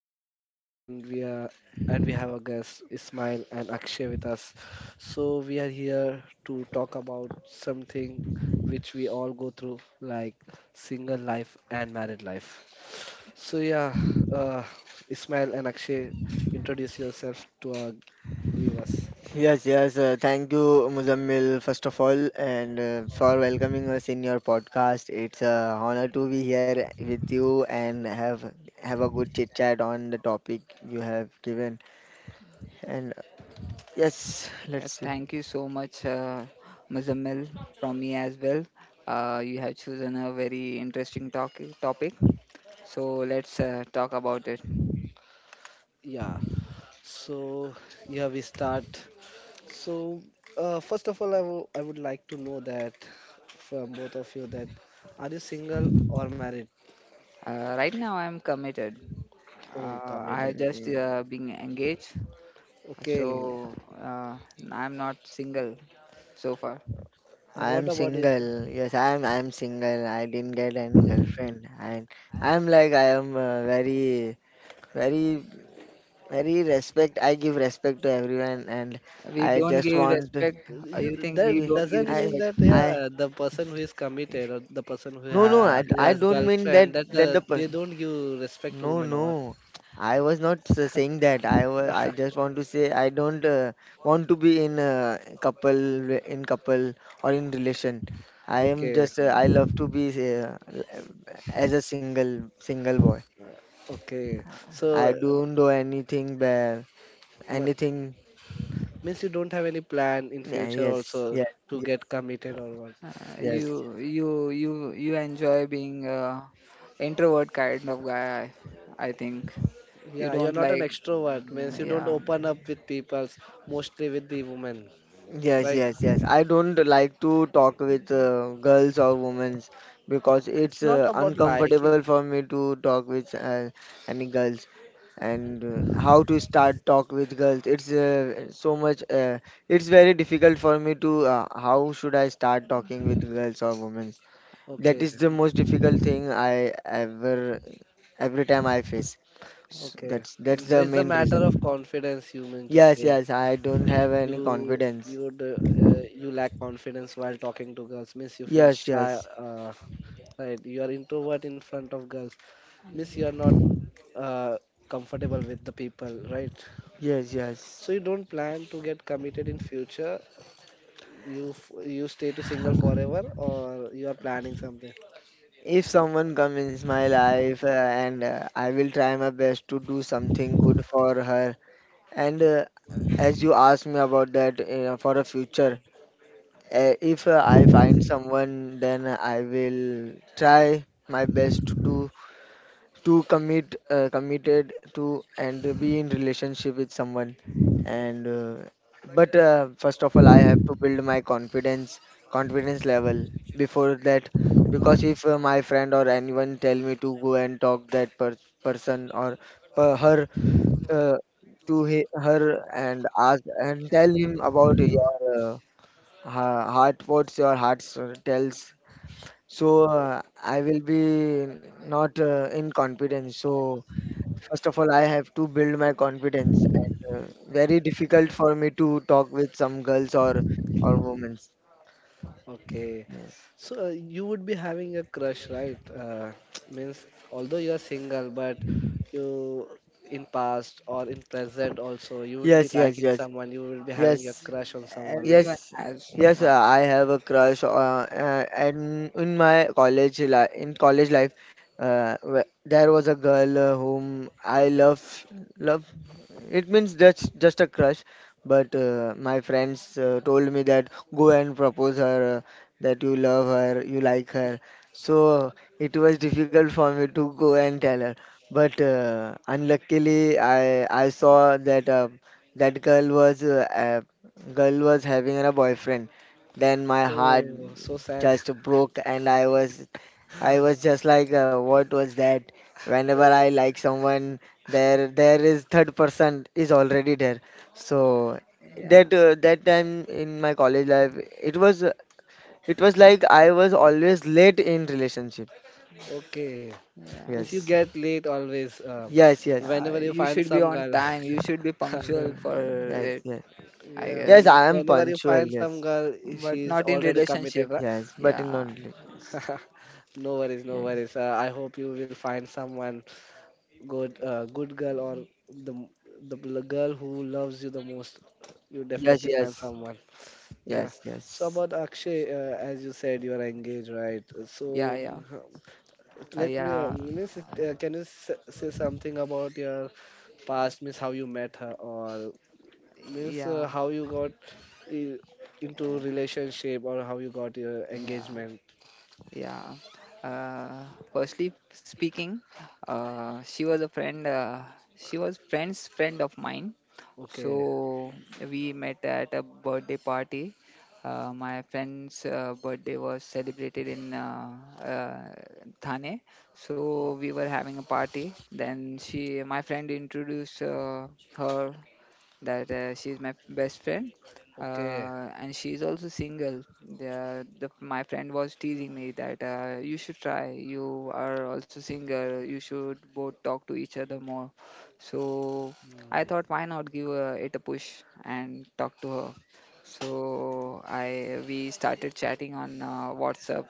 Muzammil, and we have our guests Ismail and Akshay with us. So we are here to talk about something which we all go through, like single life and married life. So yeah, uh, Ismail and Akshay, introduce yourself to our viewers. Yes, yes. Thank you, Muzammil, first of all, and for welcoming us in your podcast. It's a honor to be here with you and have a good chit chat on the topic you have given. And yes, let's see. Thank you so much, Muzammil, from me as well. You have chosen a very interesting topic, so let's talk about it. Yeah. So yeah, we start. So, first of all, I would like to know that from both of you that are you single or married? Right now, I am committed. Oh, I committed. just Mm, being engaged, Okay. so I'm not single so far. I And am what about this? single. Yes, I am. I am single. I didn't get any girlfriend, and I am like, I am very, very, very respect. I give respect to everyone, and We I don't just give want. respect. You, You think that we to- don't give doesn't mean I respect? that, I yeah, the person who is committed or the person who No, no, ha I, who I has don't mean that girlfriend that the they person. don't give respect to No, women or what? no, I was not saying that. I just want to say I don't want to be in a couple re- in couple or in relation. I am Okay. just I love to be as a single boy. Okay. I So, don't do anything bad, ma- anything. means you don't have any plan in Yeah, future yes, also yeah, to yes, get committed or what? Yes. You enjoy being introvert kind of guy, I think. You Yeah, you're don't not an like, extrovert, means mm, you don't yeah. open up with people, mostly with the women, Yes, right? yes, Mhm. yes. I don't like to talk with girls or women, because it's It's not about liking. uncomfortable for me to talk with any girls, and how to start talk with girls. It's so much. It's very difficult for me to how should I start talking with girls or women. That Okay, is the most difficult thing I every time I face. Okay. That's So the it's a main matter reason. of confidence, you mean to Yes, say. yes. I don't have any You confidence. you you lack confidence while talking to girls, means you feel Yes, shy, yes. Right? You are introvert in front of girls, means you are not uh, comfortable with the people, right? Yes, yes. So you don't plan to get committed in future. You stay to single forever, or you are planning something? If someone comes in my life, and I will try my best to do something good for her. And as you asked me about that, for a future, if I find someone, then I will try my best to do to commit, committed to and be in relationship with someone. And but first of all, I have to build my confidence level before that, because if my friend or anyone tell me to go and talk that person, or per- her uh, to he- her, and ask and tell him about your heart, what's your heart tells, so I will be not in confidence. So first of all, I have to build my confidence, and very difficult for me to talk with some girls or women. Okay. Yes, So you would be having a crush, right? Means although you are single, but you, in past or in present also you would be yes, yes, liking yes, someone. You would be having a yes. crush on someone, right? Everyone Yes, has yes, one. I have a crush. And in my college life, there was a girl, whom I love, love. It means that's just a crush. But my friends told me that go and propose her, that you love her, you like her. So it was difficult for me to go and tell her. But unluckily, I saw that, that girl was having a boyfriend. Then my heart Oh, so sad. just broke, and I was just like, what was that? Whenever I like someone, there is third person is already there. So Yeah, that time in my college life, it was like I was always late in relationship. Okay. Means you Yes, yeah, get late always. Yes, yes. yeah. Whenever you You find should be some on girl. time. You should be punctual for Mm, Yeah, yes, it, yes, I yeah. yes. guess. Means I am whenever you punctual. find some Yes, girl, But she's not in already committed, relationship. right? yes, but in Yeah, not late. Yes, No worries, no yes, worries. I hope you will find someone good, good girl or the m- the girl who loves you the most. You yes, definitely find yes. someone. Yeah. Yes, So yes, about Akshay, as you said, you are engaged, right? yeah, So yeah, let me, yeah, can you say something about your past, miss, how you met her, or miss, yeah, how you got i- into yeah. relationship, or how you got your Yeah. engagement? Yeah. Uh, Firstly speaking, she was a friend. She was friend's friend of mine. So Okay. we met at a birthday party. My friend's birthday was celebrated in uh, Thane. So o- we were having a party. Then she, my friend, introduced her that she's my best friend, Okay. And she's also single. The, the my friend was teasing me that you should try, you are also single, you should both talk to each other more. So I Hmm. thought, why not give it a push and talk to her. So i we started chatting on WhatsApp.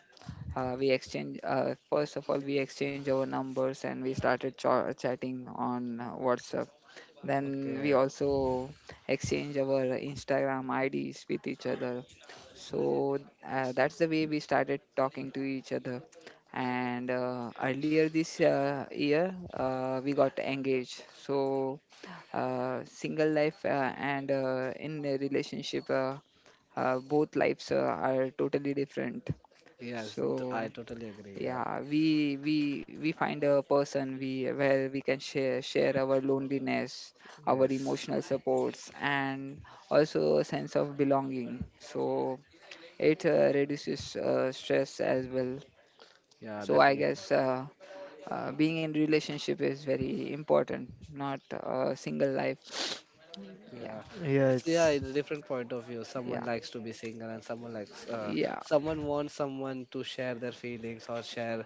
Uh, we exchange uh, first of all we exchange our numbers and we started chatting on WhatsApp. Then we Okay. also exchange our Instagram IDs with each other. So, that's the way we started talking to each other. And earlier this year, we got engaged. So, single life and in a relationship, both lives are totally different. Yes, So I totally agree. Yeah. yeah, we find a person, we where we can share our loneliness, our Yes. emotional supports, and also a sense of belonging, so it reduces stress as well. Yeah, So I definitely. guess being in relationship is very important, not single life. Yeah, Yeah. It's, yeah, yes, it's different point of view. Someone yeah, likes to be single and someone likes, yeah, someone wants someone to share their feelings or share,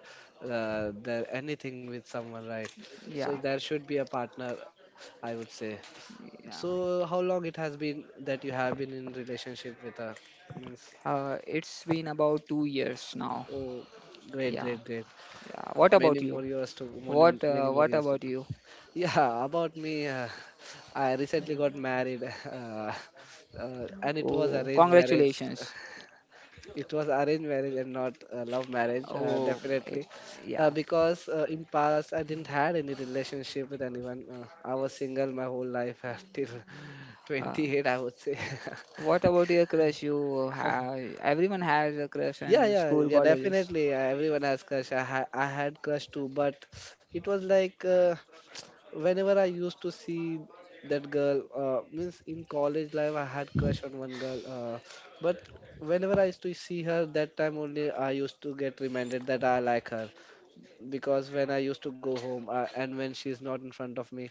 uh, their anything with someone, right? yeah, So there should be a partner, I would say. yeah, So how long it has been that you have been in relationship with her? Means, it's been about 2 years now. oh, great, Yeah, great, great. yeah. What about you? Many many more What years to. about you? Yeah, about me, I recently got married, and it was Oh, arranged marriage. congratulations. It was arranged marriage and not love marriage, Oh, definitely, yeah. because, in past I didn't had any relationship with anyone. I was single my whole life till Uh, 28, I would say. what about your crush? You have everyone has a crush Yeah, in yeah, school, yeah, colleges. definitely. Everyone has crush. I had crush too, but it was like, whenever I used to see that girl, means in college life I had crush on one girl, but whenever I used to see her, that time only I used to get reminded that I like her, because when I used to go home, and when she's not in front of me,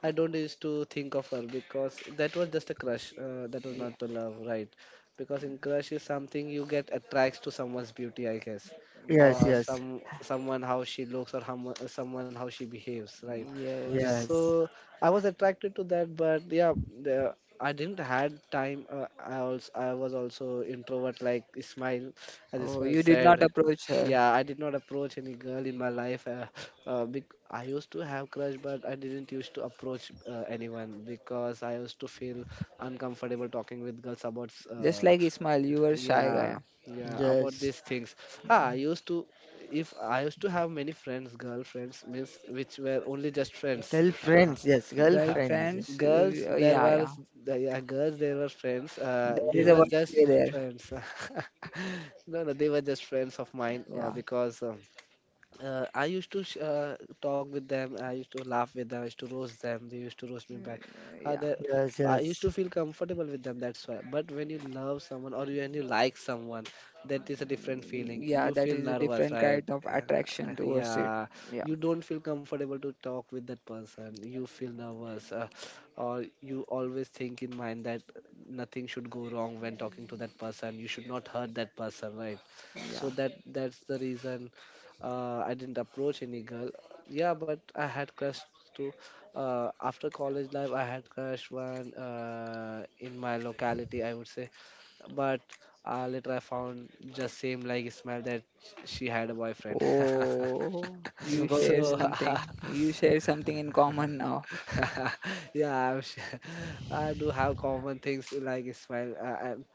I don't used to think of her, because that was just a crush. That was Yeah, not the love, right? Because in crush is something you get attracts to someone's beauty, I guess, yes, or yeah, yes, someone how she looks, or how, someone how she behaves, right? yes. yes, So I was attracted to that. But yeah, the, I didn't had time, uh, I was also introvert like Ismail, as Oh, Ismail you did not said. approach her. Yeah, I did not approach any girl in my life. Uh, I used to have crush, but I didn't used to approach, anyone because I used to feel uncomfortable talking with girls about. Just like Ismail, you were shy Yeah, guy. yeah, about yes. these things. Ah, I used to. If I used to have many friends, girlfriends, means which were only just friends. Girlfriends, yes, girlfriends. Girlfriends, Girls, there yeah, yeah. was, yeah, girls, they were friends, There they is a were Yes, word play just there. friends. No, no, they were just friends of mine, Yeah, because, I used to talk with them. I used to laugh with them. I used to roast them. They used to roast me back. Uh, yeah, the, yes, I used yes. to feel comfortable with them. That's why. But when you love yeah. someone, when you like someone, that is a different Mm, feeling. yeah, You that feel is a nervous, different right? kind of attraction towards it. Yeah, Yeah, you don't feel comfortable to talk with that person. You feel nervous, or you always think in mind that nothing should go wrong when talking to that person. You should not hurt that person, right? yeah. So that's the reason, I didn't approach any girl. Yeah, but I had crush too. After college life, I had crush one, in my locality, I would say. But, later I found just same like Ismail that she had a boyfriend. Oh, Because So you share something in common now. yeah, I'm sure. I do have common things like Ismail.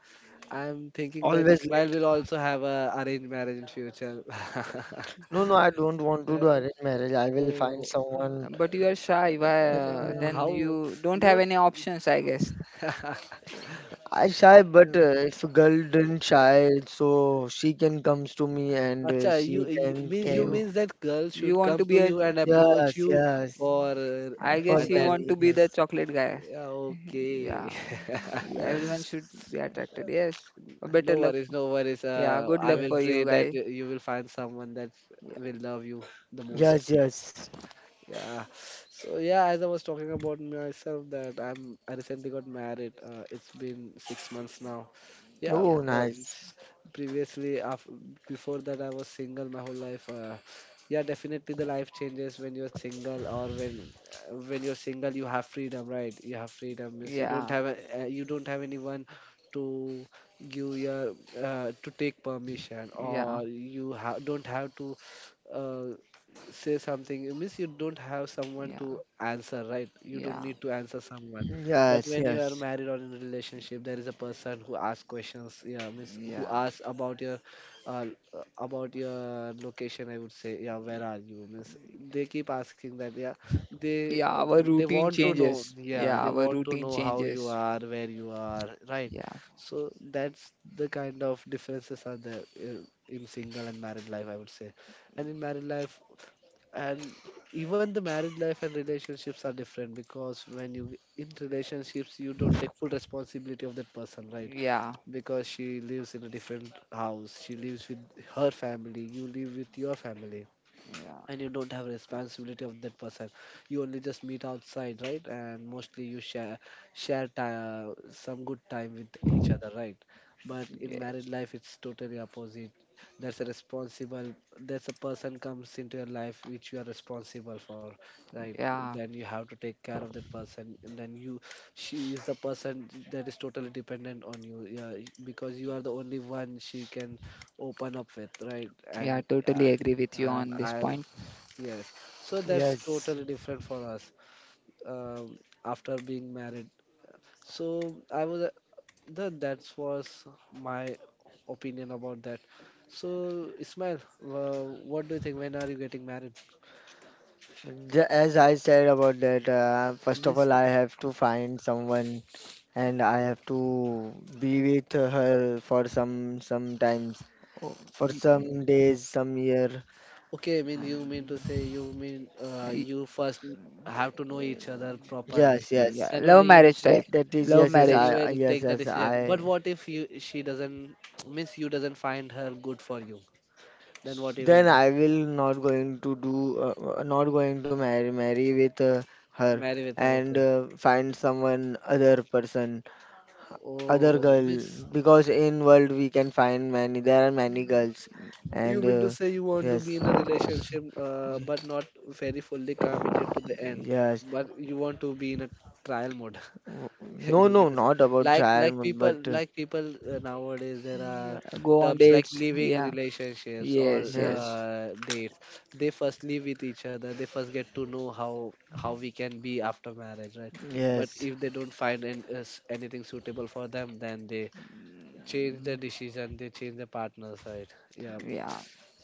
I'm thinking that always Ismail late. will also have a arranged marriage in future. No, no, I don't want to Yeah, do arranged marriage. I will find oh, someone. But you are shy, why then Mm, how? you don't have No. any options, I guess. I shy, but if a girl didn't shy, so she can comes to me and Acha, she you can mean you you came. means that girls you should want come to be to a. you and approach Yes, you yes. for, uh, I For guess you that? want to marriage, be yes, the chocolate guy. Yeah, okay. Yeah, everyone yes, should be attracted, yes. Better No luck. worries, no worries. Yeah, good I luck will for you yes, pray that guys. You will find someone that will love you the most. yes, yes. Yeah. So yeah, as I was talking about myself, that I recently got married. It's been 6 months now. Yeah, Yeah, yeah, Oh, um, nice. s- previously, af before that, I was single my whole life. Yeah, definitely the life changes when you're single, or when, when you're single, you have freedom, right? You have freedom means you don't yeah, have a, you don't have anyone to give your, to take permission, yeah, or you ha don't have to, uh, say something. It means you don't have someone yeah, to answer, right? You don't yeah, need to answer someone. But Yes, when you are yes, married or in a relationship, there is a person who asks questions. Yeah, means who yeah, asks about your, uh, about your location. I would say, yeah, where are you? Means they keep asking that. Yeah, they yeah, uh, our they routine want to know. changes Yeah, yeah they our want to routine know how you changes. are, where you are, right? Yeah, So that's the kind of differences are there, in single and married life. I would say, and in married life, and even the marriage life and relationships are different, because when you in relationships you don't take full responsibility of that person, right? yeah, Because she lives in a different house, she lives with her family, you live with your family, yeah, and you don't have responsibility of that person. You only just meet outside, right? And mostly you share some good time with each other, right? But in yeah, married life it's totally opposite. that's a responsible that's a person comes into your life which you are responsible for, right? yeah. Then you have to take care of that person, and then you, she is the person that is totally dependent on you, yeah, because you are the only one she can open up with, right? Yeah, and uh, totally agree with you and on this I. point. Yes, so that's yes. totally different for us, um, after being married. So I was, that was my opinion about that. So Ismail, what do you think? When are you getting married? As I said about that, first of Means, all, I have to find someone and I have to be with her for some times, Oh, for y- some days, some year. okay, I mean you um, mean to say, y- you first have to know each other properly. Yes, yes. yeah, Then love only you will marriage That, type. take. that is Love yes, yes. Then you marriage. Will Yes, take the yes. decision. But I what if you she doesn't means you doesn't find her good for you? Then what you will then do? I will not going to do not going to marry marry with her, Marry with her? Okay. and find someone other person, other Oh, girl, miss, because in world we can find many there are many girls, you and mean to say you want to be yes, in a relationship, but not very fully committed to the end, yes. but you want to be in a trial mode. W- no, You mean no, to say, not about trial, but like people, nowadays, there are Yeah, go on terms like dates. living Yeah, relationships or, yes, yes, yes. Dates. They first live with each other. They first get to know how we can be after marriage, right? But yes, if they don't find an, anything suitable for them, then they change the Mm, decision, they change the partners, right? Yeah, yeah,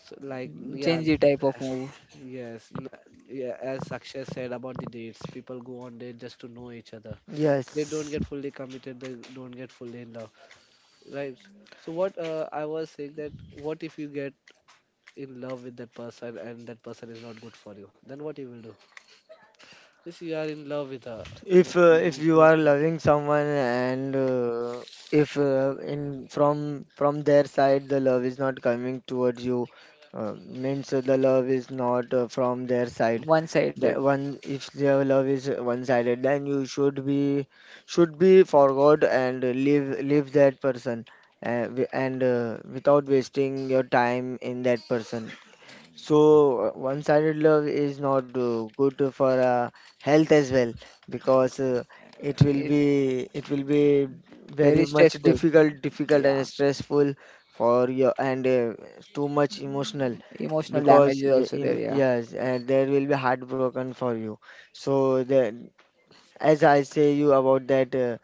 so like, yeah. change the type of move. yes n- yeah, as Akshay said, about the dates, people go on date just to know each other. They don't yes. get fully committed, they don't get fully in love, right? So what I was saying that, what if you get in love with that person and that person is not good for you, then what you will do if you are in love with her? Means If you you don't. are loving someone, and if in from their side, the love is not coming towards you, means, the love is not from their side. One The sided. one, if their love is one sided, then you should be, forgot, and leave that person, wi- and without wasting your time in that person. So, one-sided love is not good for health as well, because, it will It's be it will be very very much stressful. difficult Yeah. and stressful for your, and too much emotional, Emotional damage because is also there. Yeah. yes, and there will be heartbroken for you. So that, as I say you about that,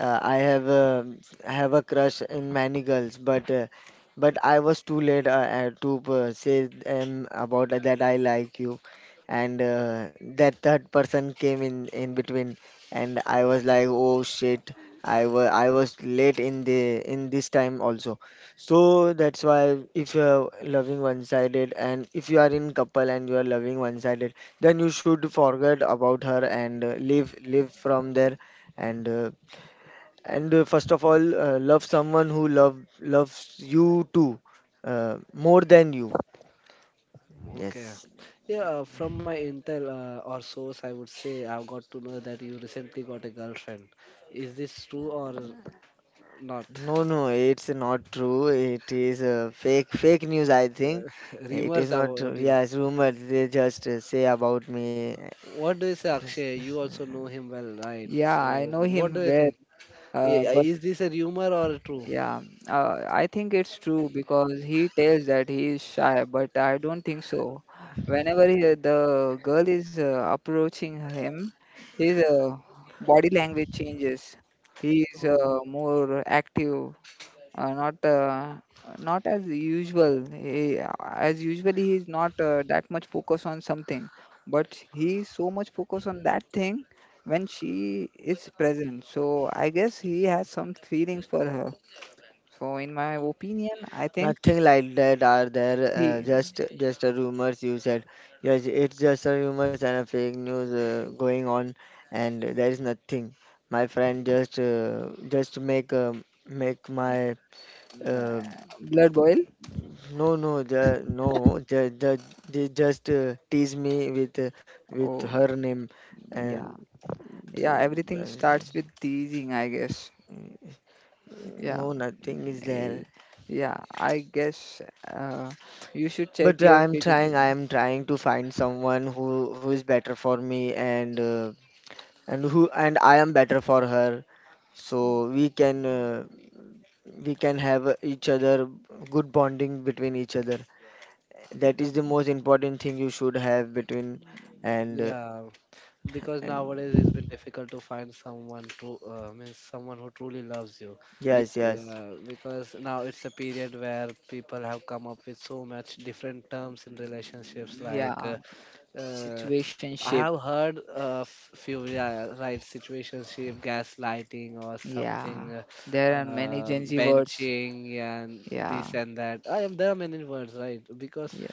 uh, I have a, I have a crush in many girls, but but I was too late, to say, about that I like you, and that third person came in between, and I was like, oh shit, I was late in the in this time also, so that's why if you're loving one-sided, and if you are in couple and you are loving one-sided, then you should forget about her, and live from there, and first of all, love someone who loves you too, more than you. Okay. Yes. Yeah, from my intel or source, I would say I've got to know that you recently got a girlfriend. Is this true or not? No, no, it's not true. It is fake news, I think. It is Rumors not true. about you. Yes, rumors, they just say about me. What do you say, Akshay? You also know him well, right? Yeah. I So, know what do him you well. think? But Is this a rumor or true? yeah, I think it's true because he tells that he is shy, but I don't think so. The girl is approaching him, his body language changes. He is Oh, more active. Not not as usual. As usually, he's not that much focused on something, but he's so much focused on that thing when she is present. So I guess he has some feelings for her. So in my opinion, I think Nothing like that are there, he just a rumors, you said. Yes, it's just a rumors and a fake news, going on, and there is nothing. My friend just, make, make my, uh, uh, blood boil. no, no, they just tease me with, with Oh her name. And, yeah, yeah. uh, Everything starts with teasing, I guess. Yeah, no, nothing is eh, there. yeah. I guess uh, you should check But your I'm feelings. trying. I'm trying to find someone who is better for me. And. And who and I am better for her. So we can, have each other good bonding between each other. That is the most important thing you should have between, and, yeah, because and nowadays it's been difficult to find someone true, means someone who truly loves you. yes, yes, Yeah, because now it's a period where people have come up with so much different terms in relationships. Yeah, uh, I situationship. have heard a few, yeah, right, situationship, gaslighting, or Yeah, something, there are many Gen Z words. benching, and this Yeah, and that. There are many words, right? Because yeah,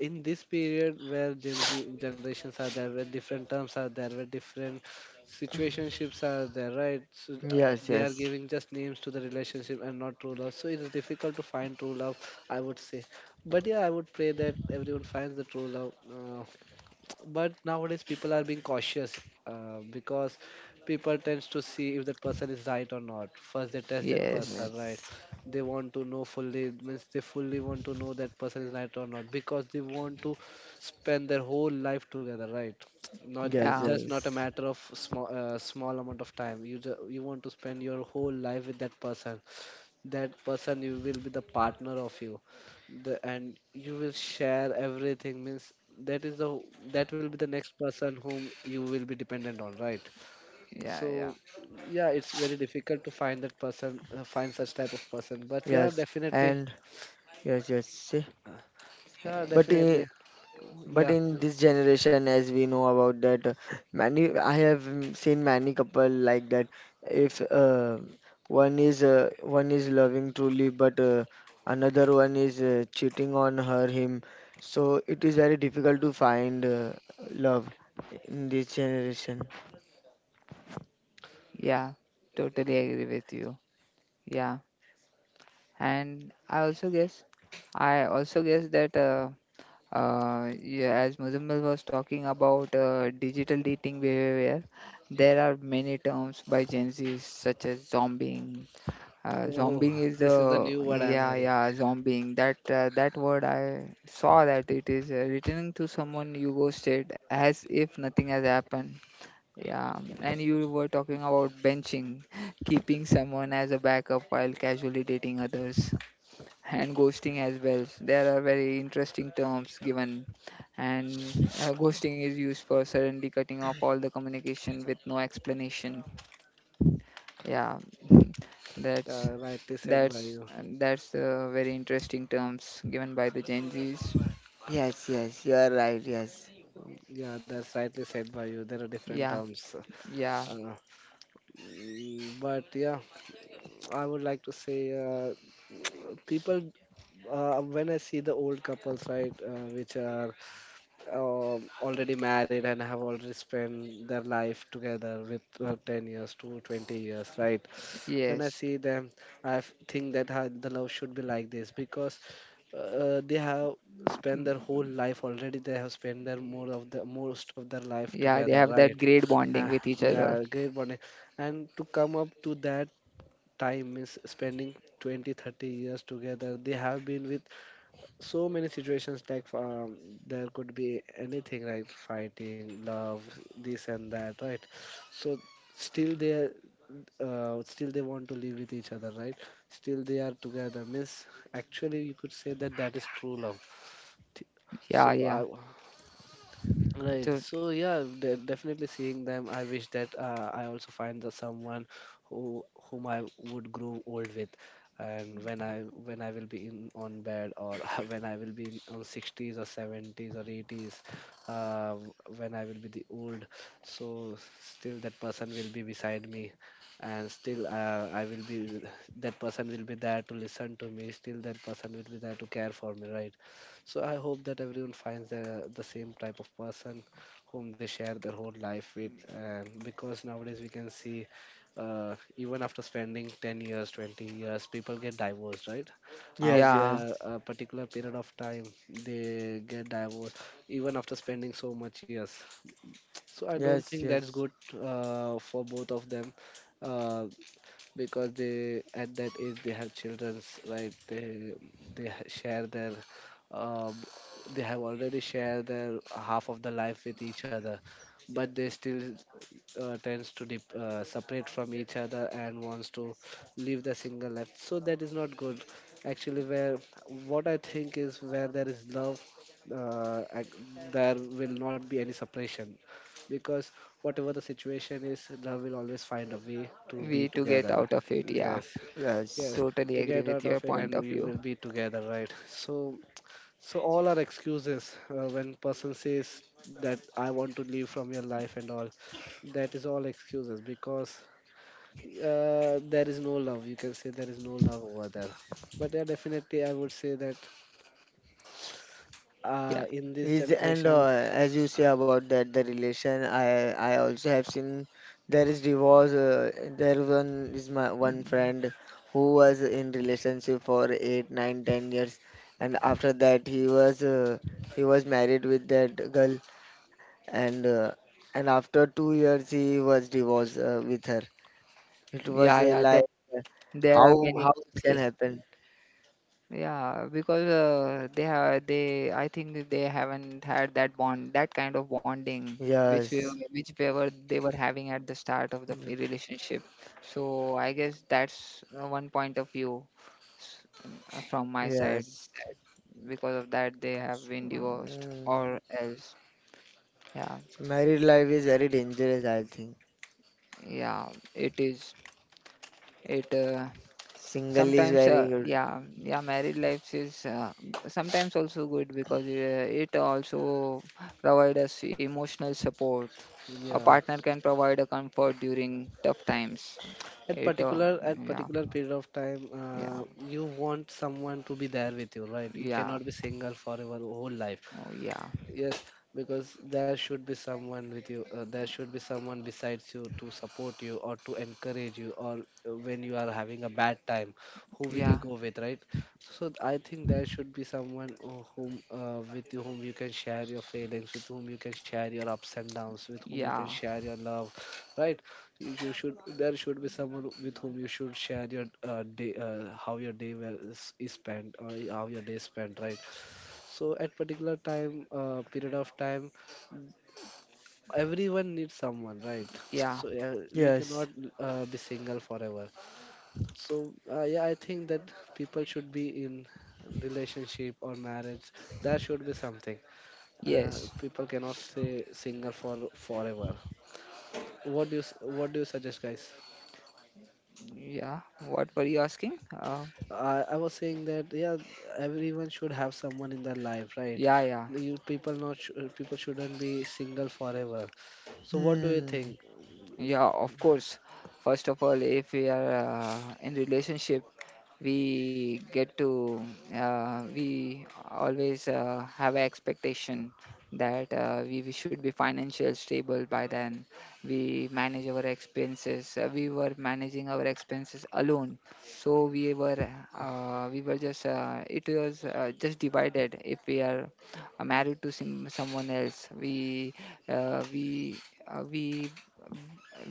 in this period where Gen Z generations are there, where different terms are there, where different situationships are there, right? So yes, they are yes, giving just names to the relationship and not true love. So it is difficult to find true love, I would say. But yeah, I would pray that everyone finds the true love. But nowadays people are being cautious because people tends to see if that person is right or not. First they test that yes, person, right? yes, They want to know fully, means they fully want to know that person is right or not, because they want to spend their whole life together, right? Not, yes, yeah, it's just not a yes, matter of small amount of time. You you want to spend your whole life with that person. That person you will be the partner of you, and you will share everything, means that is the, that will be the next person whom you will be dependent on, right? yeah, yeah, So yeah, it's very difficult to find that person, find such type of person, but yeah, yes, definitely, and yes, yes. See? yeah, But eh, uh, definitely, But yeah. in this generation, as we know about that, many I have, seen many couple like that. If one is loving truly, but another one is cheating on her, him, so it is very difficult to find love in this generation. yeah. Totally agree with you. Yeah, and I also guess that yeah, as Muzamil was talking about digital dating behavior, there are many terms by Gen Z such as zombieing. Oh, Zombieing is this is the the new word I'm yeah hearing. yeah zombieing that word I saw that it is returning to someone you ghosted as if nothing has happened. Yeah, and you were talking about benching, keeping someone as a backup while casually dating others, and ghosting as well. There are very interesting terms given, and ghosting is used for suddenly cutting off all the communication with no explanation. Yeah, that's Rightly said by that's you. that's very interesting terms given by the Gen Zs. Yes, yes, you are right. Yes. Yeah, that's rightly said by you, there are different Yeah, terms. uh, yeah, but yeah, I would like to say, people, when I see the old couples, right, which are already married and have already spent their life together with 10 years to 20 years, right? When I yes. see them, I think that the love should be like this because they have spent their whole Mm, life already. They have spent the most of their life yeah, they together, have right? that great bonding Ah, with each other. yeah, great bonding. And to come up to that time is spending 20 30 years together. They have been with so many situations like, there could be anything like fighting, love, this and that, right? So still they are, still they want to live with each other, right? Still they are together, means actually you could say that that is true love. Th- so Yeah, I, yeah. Right. So, So yeah, definitely seeing them, I wish that I also find the someone who, whom I would grow old with, and when I will be in on bed, or when I will be in on 60s or 70s or 80s, when I will be the old, so still that person will be beside me, and still I will be, that person will be there to listen to me. Still that person will be there to care for me. Right. So I hope that everyone finds the same type of person whom they share their whole life with. And because nowadays we can see, even after spending 10 years, 20 years, people get divorced, right? Yes, yeah, yes, After a particular period of time, they get divorced, even after spending so much years. So I don't yes, think that's yes, good for both of them. Uh, because they, at that age they have children's, right, they share their um, they have already shared their half of the life with each other, but they still tends to separate from each other and wants to live the single life, so that is not good. Actually, where, what I think is, where there is love, uh, ac- there will not be any separation, because whatever the situation is, love will always find a way to be we to get together. out of it. Yeah, Yes, yes. yes, totally to agree get with out your of it, point and of you view. will be together, right? So, so all are excuses when person says that I want to leave from your life and all. That is all excuses because there is no love. You can say there is no love over there. But yeah, definitely, I would say that Yeah. in this Is and generation, As you say about that the relation, I also have seen there is divorce. There one is my one Mm, friend who was in relationship for 8, 9, 10 years, and after that he was married with that girl, and and after 2 years he was divorced, with her. It was, yeah, yeah. Like, uh, There are how many how it can cases. happen? Yeah, because they have they I think they haven't had that bond, that kind of bonding Yes, which they were having at the start of the relationship. So I guess that's one point of view, s- from my side. yes. Because of that, they have been divorced Mm. or else. Yeah, Married life is very dangerous, I think. yeah, it is. It Single is sometimes very good. yeah yeah married life is sometimes also good because it also provide us emotional support. A yeah, partner can provide a comfort during tough times. at It particular at Yeah, particular period of time yeah, you want someone to be there with you, right? You yeah. cannot be single forever, whole life. Oh yeah, Yes, because there should be someone with you. There should be someone besides you to support you or to encourage you, or when you are having a bad time, who will you yeah, go with, right? So I think there should be someone, with whom you can share your feelings, with whom you can share your ups and downs, with whom you can yeah, share your love, right? You should. There should be someone with whom you should share your how your day is spent, or how your day is spent, right? So at particular time period of time everyone needs someone, right? So yeah, yeah, we cannot Yes. Be single forever. So yeah, I think that people should be in relationship or marriage, there should be something. Yes, People cannot stay single for forever. What do you what do you suggest, guys? yeah. What were you asking, I was saying that yeah, everyone should have someone in their life, right? yeah? Yeah, you people not sh- People shouldn't be single forever, so what do you Hmm. think? yeah, of course. First of all, if we are in relationship, we get to we always have an expectation that we should be financially stable. By then we were managing our expenses alone. So, we were just it was just divided. If we are married to someone else, uh, we uh, we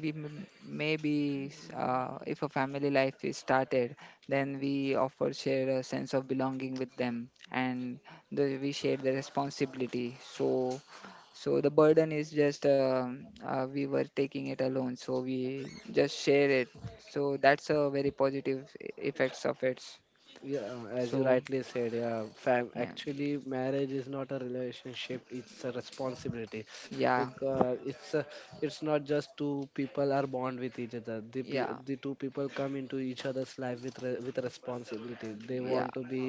we m- maybe s- if a family life is started, then we offer share a sense of belonging with them, and we share the responsibility. So, the burden is just we were taking it alone, so we just share it. So that's a very positive effects of it. Yeah, as you So rightly said, yeah, fam. yeah, Actually, marriage is not a relationship; it's a responsibility, yeah, because it's a, it's not just two people are bond with each other. Yeah, The two people come into each other's life with with responsibility. They yeah, want to be,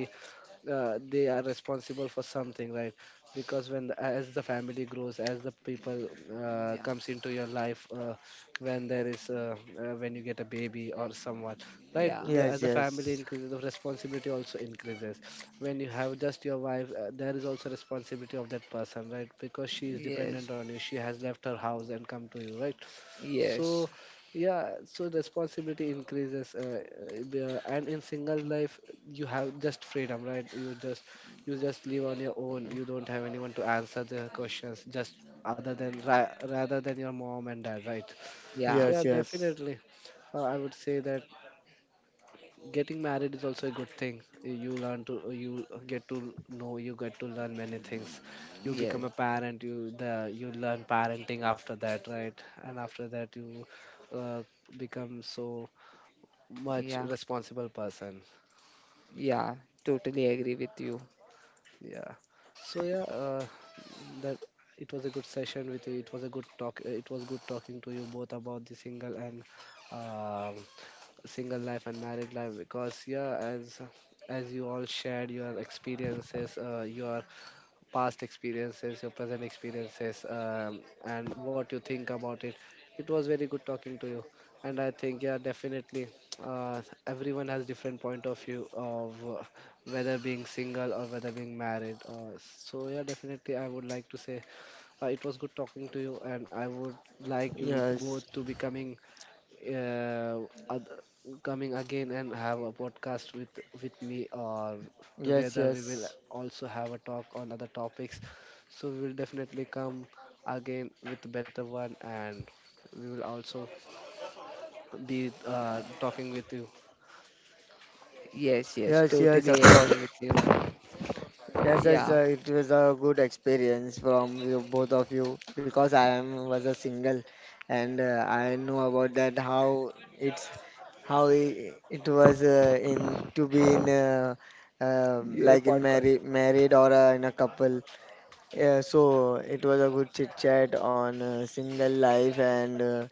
they are responsible for something, right? Because as the family grows, as the people yeah, comes into your life, when there is when you get a baby or someone, right? yeah, The, as Yes, the family yes. increases, the responsibility also increases. When you have just your wife, there is also responsibility of that person, right? Because she is yes, dependent on you, she has left her house and come to you, right? yes, So yeah, so responsibility increases, and in single life you have just freedom, right? You just, you just live on your own. You don't have anyone to answer the questions, just other than ra rather than your mom and dad, right? So yeah, Yes, yeah, yes. definitely, I would say that getting married is also a good thing. You learn to, you get to know, you get to learn many things. You yes, become a parent. You learn parenting after that, right? And after that you uh, become so much yeah, responsible person. yeah. Totally agree with you. Yeah. So yeah, that, it was a good session with you. It was a good talk. It was good talking to you both about the single and um single life and married life, because yeah, as you all shared your experiences, your past experiences, your present experiences, and what you think about it. It was very good talking to you, and I think yeah, definitely, everyone has different point of view of whether being single or whether being married. So yeah, definitely, I would like to say it was good talking to you, and I would like you Yes. both to uh, oth- coming again and have a podcast with me, or Yes, together we will yes. also have a talk on other topics. So we will definitely come again with a better one, and we will also be talking with you. Yes, yes, Yes, yes, totally of agree course. with you. Yes, Yeah. yes, it was a good experience from you, both of you, because I am was a single, and I know about that how it was, in to be in, Your like in podcast. Married, or in a couple. Yeah, so it was a good chit chat on, single life, and,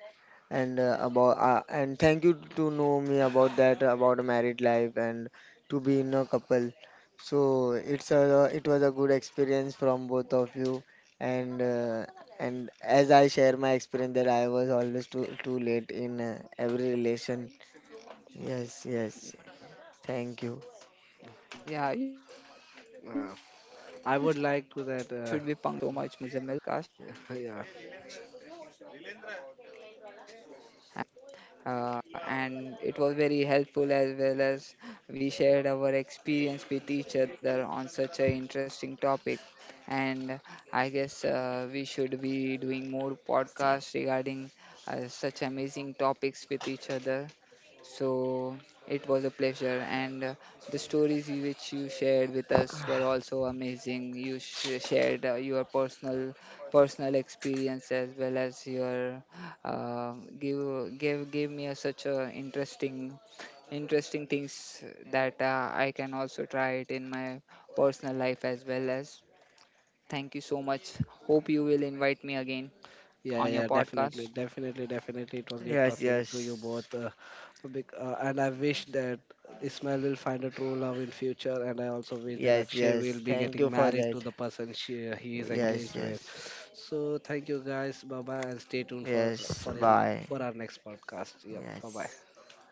and about and thank you to know me about that, about a married life, and to be in a couple. So it was a good experience from both of you, and uh, and as I share my experience that I was always too late in, every relation. Yeah, you should be punctual Yes, by now. yes. Thank you. Yeah, thank you so much, Uh, Muzammil, for I would inviting like me to on that your podcast. And it Yeah. was a very interesting topic about relationship. And it was very helpful, as well as we shared our experience with each other on such an interesting topic. And I guess we should be doing more podcasts regarding such amazing topics with each other. So it was a pleasure. And the stories which you shared with us were also amazing. You shared your personal experience, as well as your give give gave me such a interesting things that I can also try it in my personal life as well as. Thank you so much. Hope you will invite me again Yeah, on yeah, your definitely, podcast. definitely, definitely. It was great Yes, talking to you yes. both, and I wish that Ismail will find a true love in future, and I also wish that Yes, Akshay yes. will be Thank you getting for married that. to the person she he is Yes, engaged with. yes. So thank you guys, bye bye, and stay tuned Yes, for your, bye. for our next podcast. Yeah, bye Yes. bye. Okay.